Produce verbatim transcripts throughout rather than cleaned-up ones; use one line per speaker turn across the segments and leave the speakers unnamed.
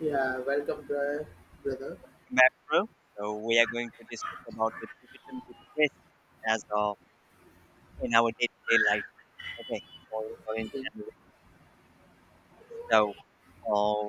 Yeah, welcome, bro- brother.
Back Metro. So we are going to discuss about the digital literacy as uh, in our day-to-day life. Okay, for foreign
Okay.
journalists. So uh,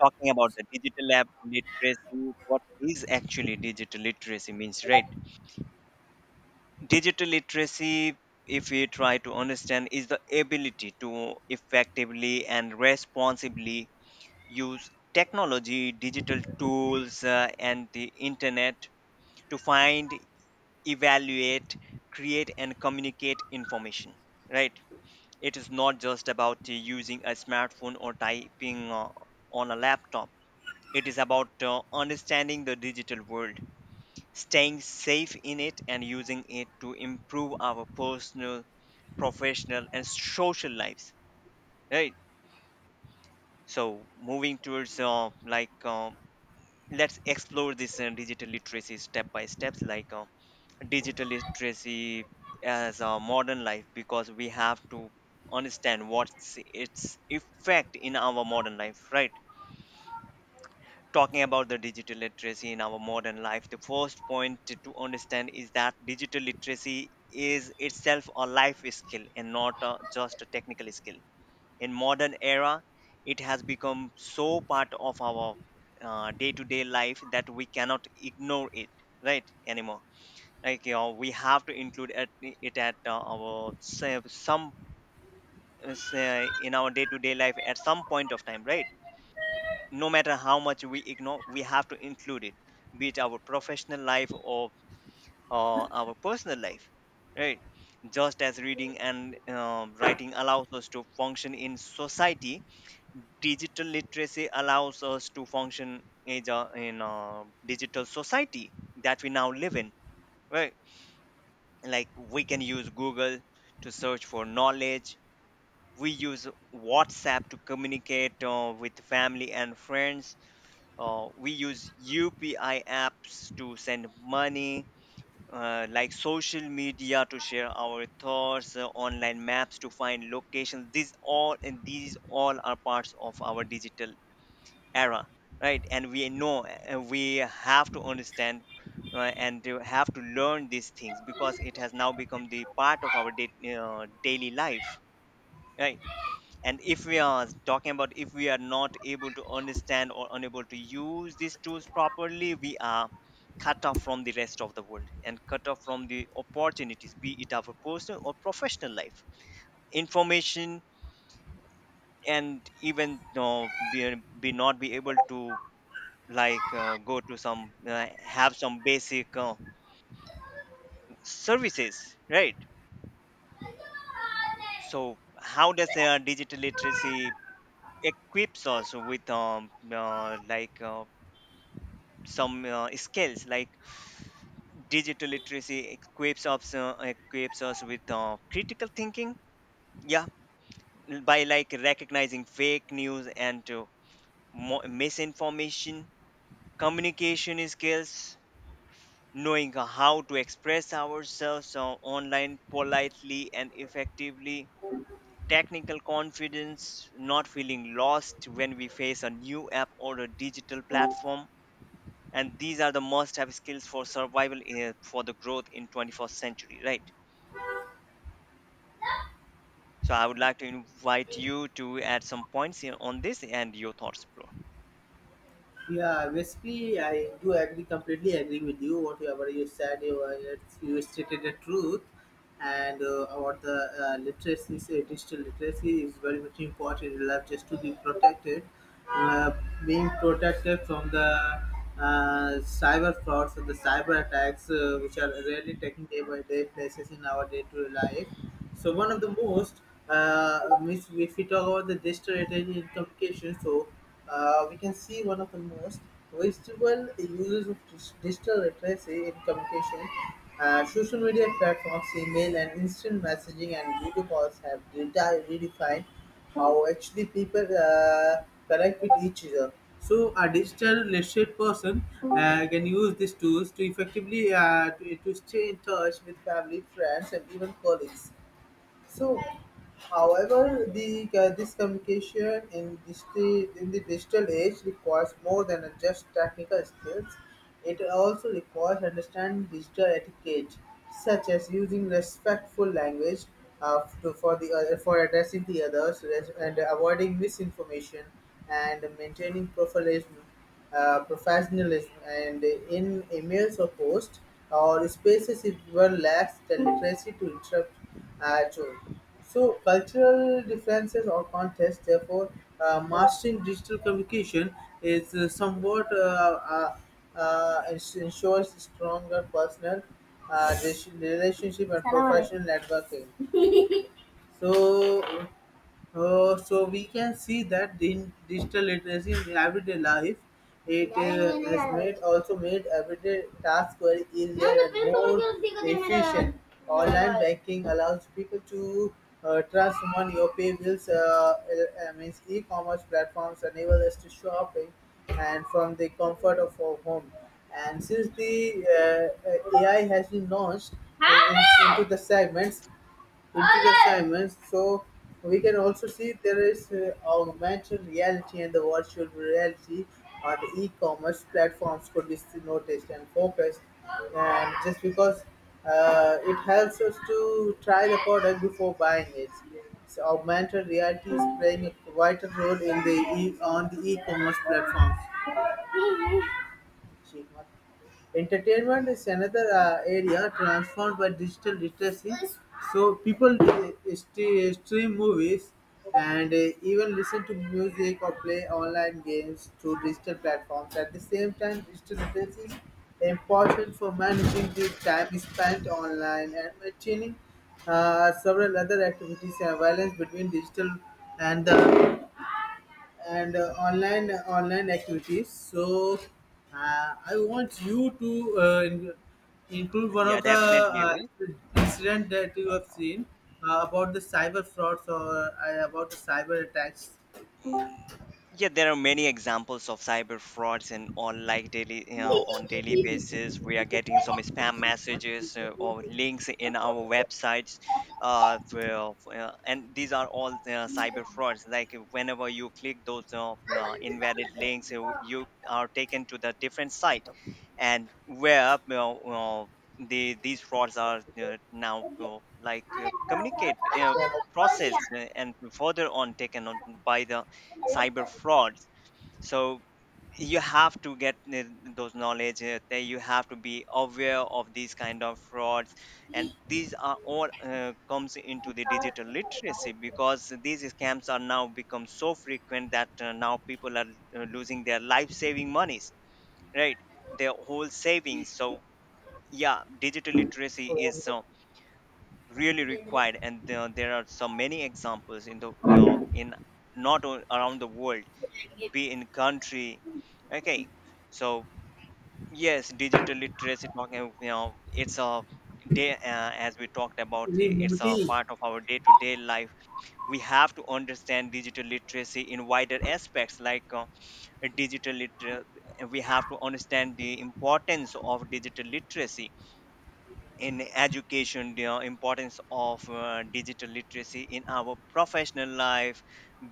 talking about the digital lab literacy, what is actually digital literacy means, right? Digital literacy, if we try to understand, is the ability to effectively and responsibly use technology, digital tools, uh, and the internet to find, evaluate, create and communicate information, right? It is not just about uh, using a smartphone or typing uh, on a laptop. It is about uh, understanding the digital world, staying safe in it and using it to improve our personal, professional and social lives, right? So moving towards uh, like uh, let's explore this uh, digital literacy step by steps. Like uh, digital literacy as a modern life, because we have to understand what's its effect in our modern life, right? Talking about the digital literacy in our modern life, the first point to to understand is that digital literacy is itself a life skill and not a, just a technical skill. In modern era, it has become so part of our uh, day-to-day life that we cannot ignore it, right, anymore. Like you know, we have to include at, it at uh, our, say, some, uh, say, in our day-to-day life at some point of time, right? No matter how much we ignore, we have to include it, be it our professional life or uh, our personal life, right? Just as reading and um writing allows us to function in society, digital literacy allows us to function in a in a digital society that we now live in, right? Like, we can use Google to search for knowledge, we use WhatsApp to communicate uh, with family and friends, uh, we use UPI apps to send money, uh, like social media to share our thoughts, uh, online maps to find locations. These all and these all are parts of our digital era, right? And we know, uh, we have to understand uh, and to have to learn these things because it has now become the part of our day, uh, daily life, right? And if we are talking about, if we are not able to understand or unable to use these tools properly, we are cut off from the rest of the world and cut off from the opportunities, be it our personal or professional life, information, and even you know, be, be not be able to like uh, go to some, uh, have some basic uh, services, right? So how does uh, digital literacy equips us with um, uh, like uh, some uh, skills? Like, digital literacy equips us uh, equips us with uh, critical thinking, yeah, by like recognizing fake news and uh, mo- misinformation, communication skills, knowing how to express ourselves on- online politely and effectively, technical confidence, not feeling lost when we face a new app or a digital platform. And these are the must have skills for survival in, for the growth in twenty-first century, right? So I would like to invite you to add some points here on this and your thoughts, bro.
Yeah, basically, I do agree completely agree with you. Whatever you said, you, uh, it's- you stated the truth, and uh, about the uh, literacy, say, digital literacy is very much important in life just to be protected. Uh, Being protected from the uh, cyber frauds and the cyber attacks, uh, which are really taking day by day places in our day to day life. So one of the most, uh, means if we talk about the digital heritage in communication, so uh, we can see one of the most visible uses of dis- digital literacy in communication. Uh, social media platforms, email and instant messaging and video calls have redi- redefined how actually people uh, connect with each other. So a digital literate person uh, can use these tools to effectively uh, to, to stay in touch with family, friends, and even colleagues. So, however, the uh, this communication in digital in the digital age requires more than just technical skills. It also requires understanding digital etiquette, such as using respectful language uh, to, for the other, for addressing the others res- and avoiding misinformation and maintaining professionalism, uh, professionalism and in emails or posts or spaces if one lacks the literacy to interrupt uh, true. So, cultural differences or contests, therefore, uh, mastering digital communication is uh, somewhat uh, uh, uh, ens- ensures stronger personal uh, rela- relationship and professional networking. So, uh, so we can see that the digital literacy in everyday life, it uh, has made also made everyday task very easier and more efficient. Online banking allows people to uh, transfer money or pay bills. Uh, uh, uh, means E-commerce platforms enable us to shopping and from the comfort of our home. And since the uh, uh, A I has been launched in, in- into the segments, into the timelines. So we can also see there is uh, augmented reality and the virtual reality or the e-commerce platforms could be noticed and focused. And just because uh, it helps us to try the product before buying it. So augmented reality is playing a vital role in the e- on the e-commerce platforms. Entertainment is another uh, area transformed by digital literacy. So people uh, st- stream movies and uh, even listen to music or play online games through digital platforms. At the same time, digital literacy is important for managing the time spent online and maintaining uh, several other activities and balance between digital and the and uh, online online activities. So uh, I want you to uh, in- include one
Yeah,
of the
definitely,
uh,
bro.
incident that you have seen uh, about the cyber frauds or uh, about the cyber attacks.
Yeah, there are many examples of cyber frauds, and on like daily, you know, on daily basis. We are getting some spam messages uh, or links in our websites, uh, well, uh, and these are all uh, cyber frauds. Like uh, whenever you click those uh, uh, invalid links, you, you are taken to the different site, and where uh, you know, uh, the these frauds are uh, now uh, like uh, communicate. Uh, processed uh, and further on taken on by the cyber frauds. So you have to get n- those knowledge, uh, that you have to be aware of these kind of frauds, and these are all, uh, comes into the digital literacy, because these scams are now become so frequent that uh, now people are uh, losing their life saving monies, right, their whole savings. So yeah, digital literacy is uh, really required, and there there are so many examples in the, uh, in not o- around the world, be in country. Okay. So yes, digital literacy, talking you know it's a day uh, as we talked about it, it's a
Remote.
part of our day-to-day life. We have to understand digital literacy in wider aspects. like uh, digital liter- we have to understand the importance of digital literacy in education, the uh, importance of uh, digital literacy in our professional life,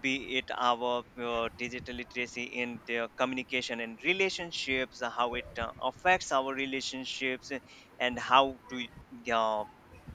be it our uh, digital literacy in the communication and relationships, how it uh, affects our relationships, and how to uh,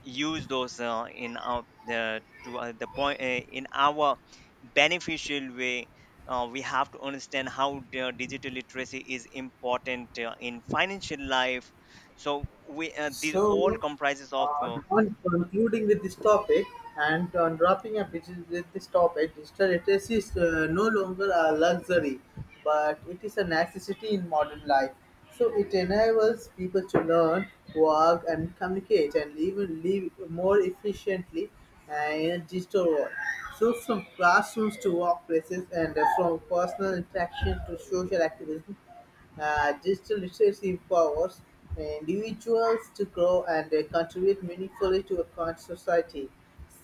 use those uh, in our the to uh, the point uh, in our beneficial way. Uh, we have to understand how the digital literacy is important uh, in financial life. So we, uh, these all
So,
comprises of
uh,
uh,
on concluding with this topic and on wrapping up which is with this topic, digital literacy is uh, no longer a luxury, but it is a necessity in modern life. So it enables people to learn, work, and communicate, and even live more efficiently uh, in a digital world. So from classrooms to workplaces, and uh, from personal interaction to social activism, uh, digital literacy empowers uh, individuals to grow and uh, contribute meaningfully to a current society.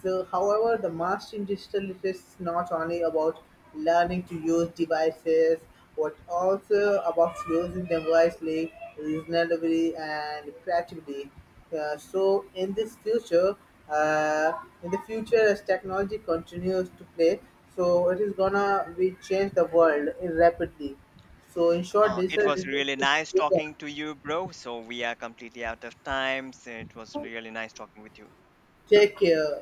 So, however, the mastery digital literacy is not only about learning to use devices, but also about using them wisely, reasonably, and creatively. Uh, so, in this future, uh, in the future, as technology continues to play, so it is gonna be change the world rapidly. So, in short,
uh, it
digital
was
literacy
really
is a
nice
big one.
talking to you, bro. So we are completely out of time, so it was really nice talking with you.
Take care.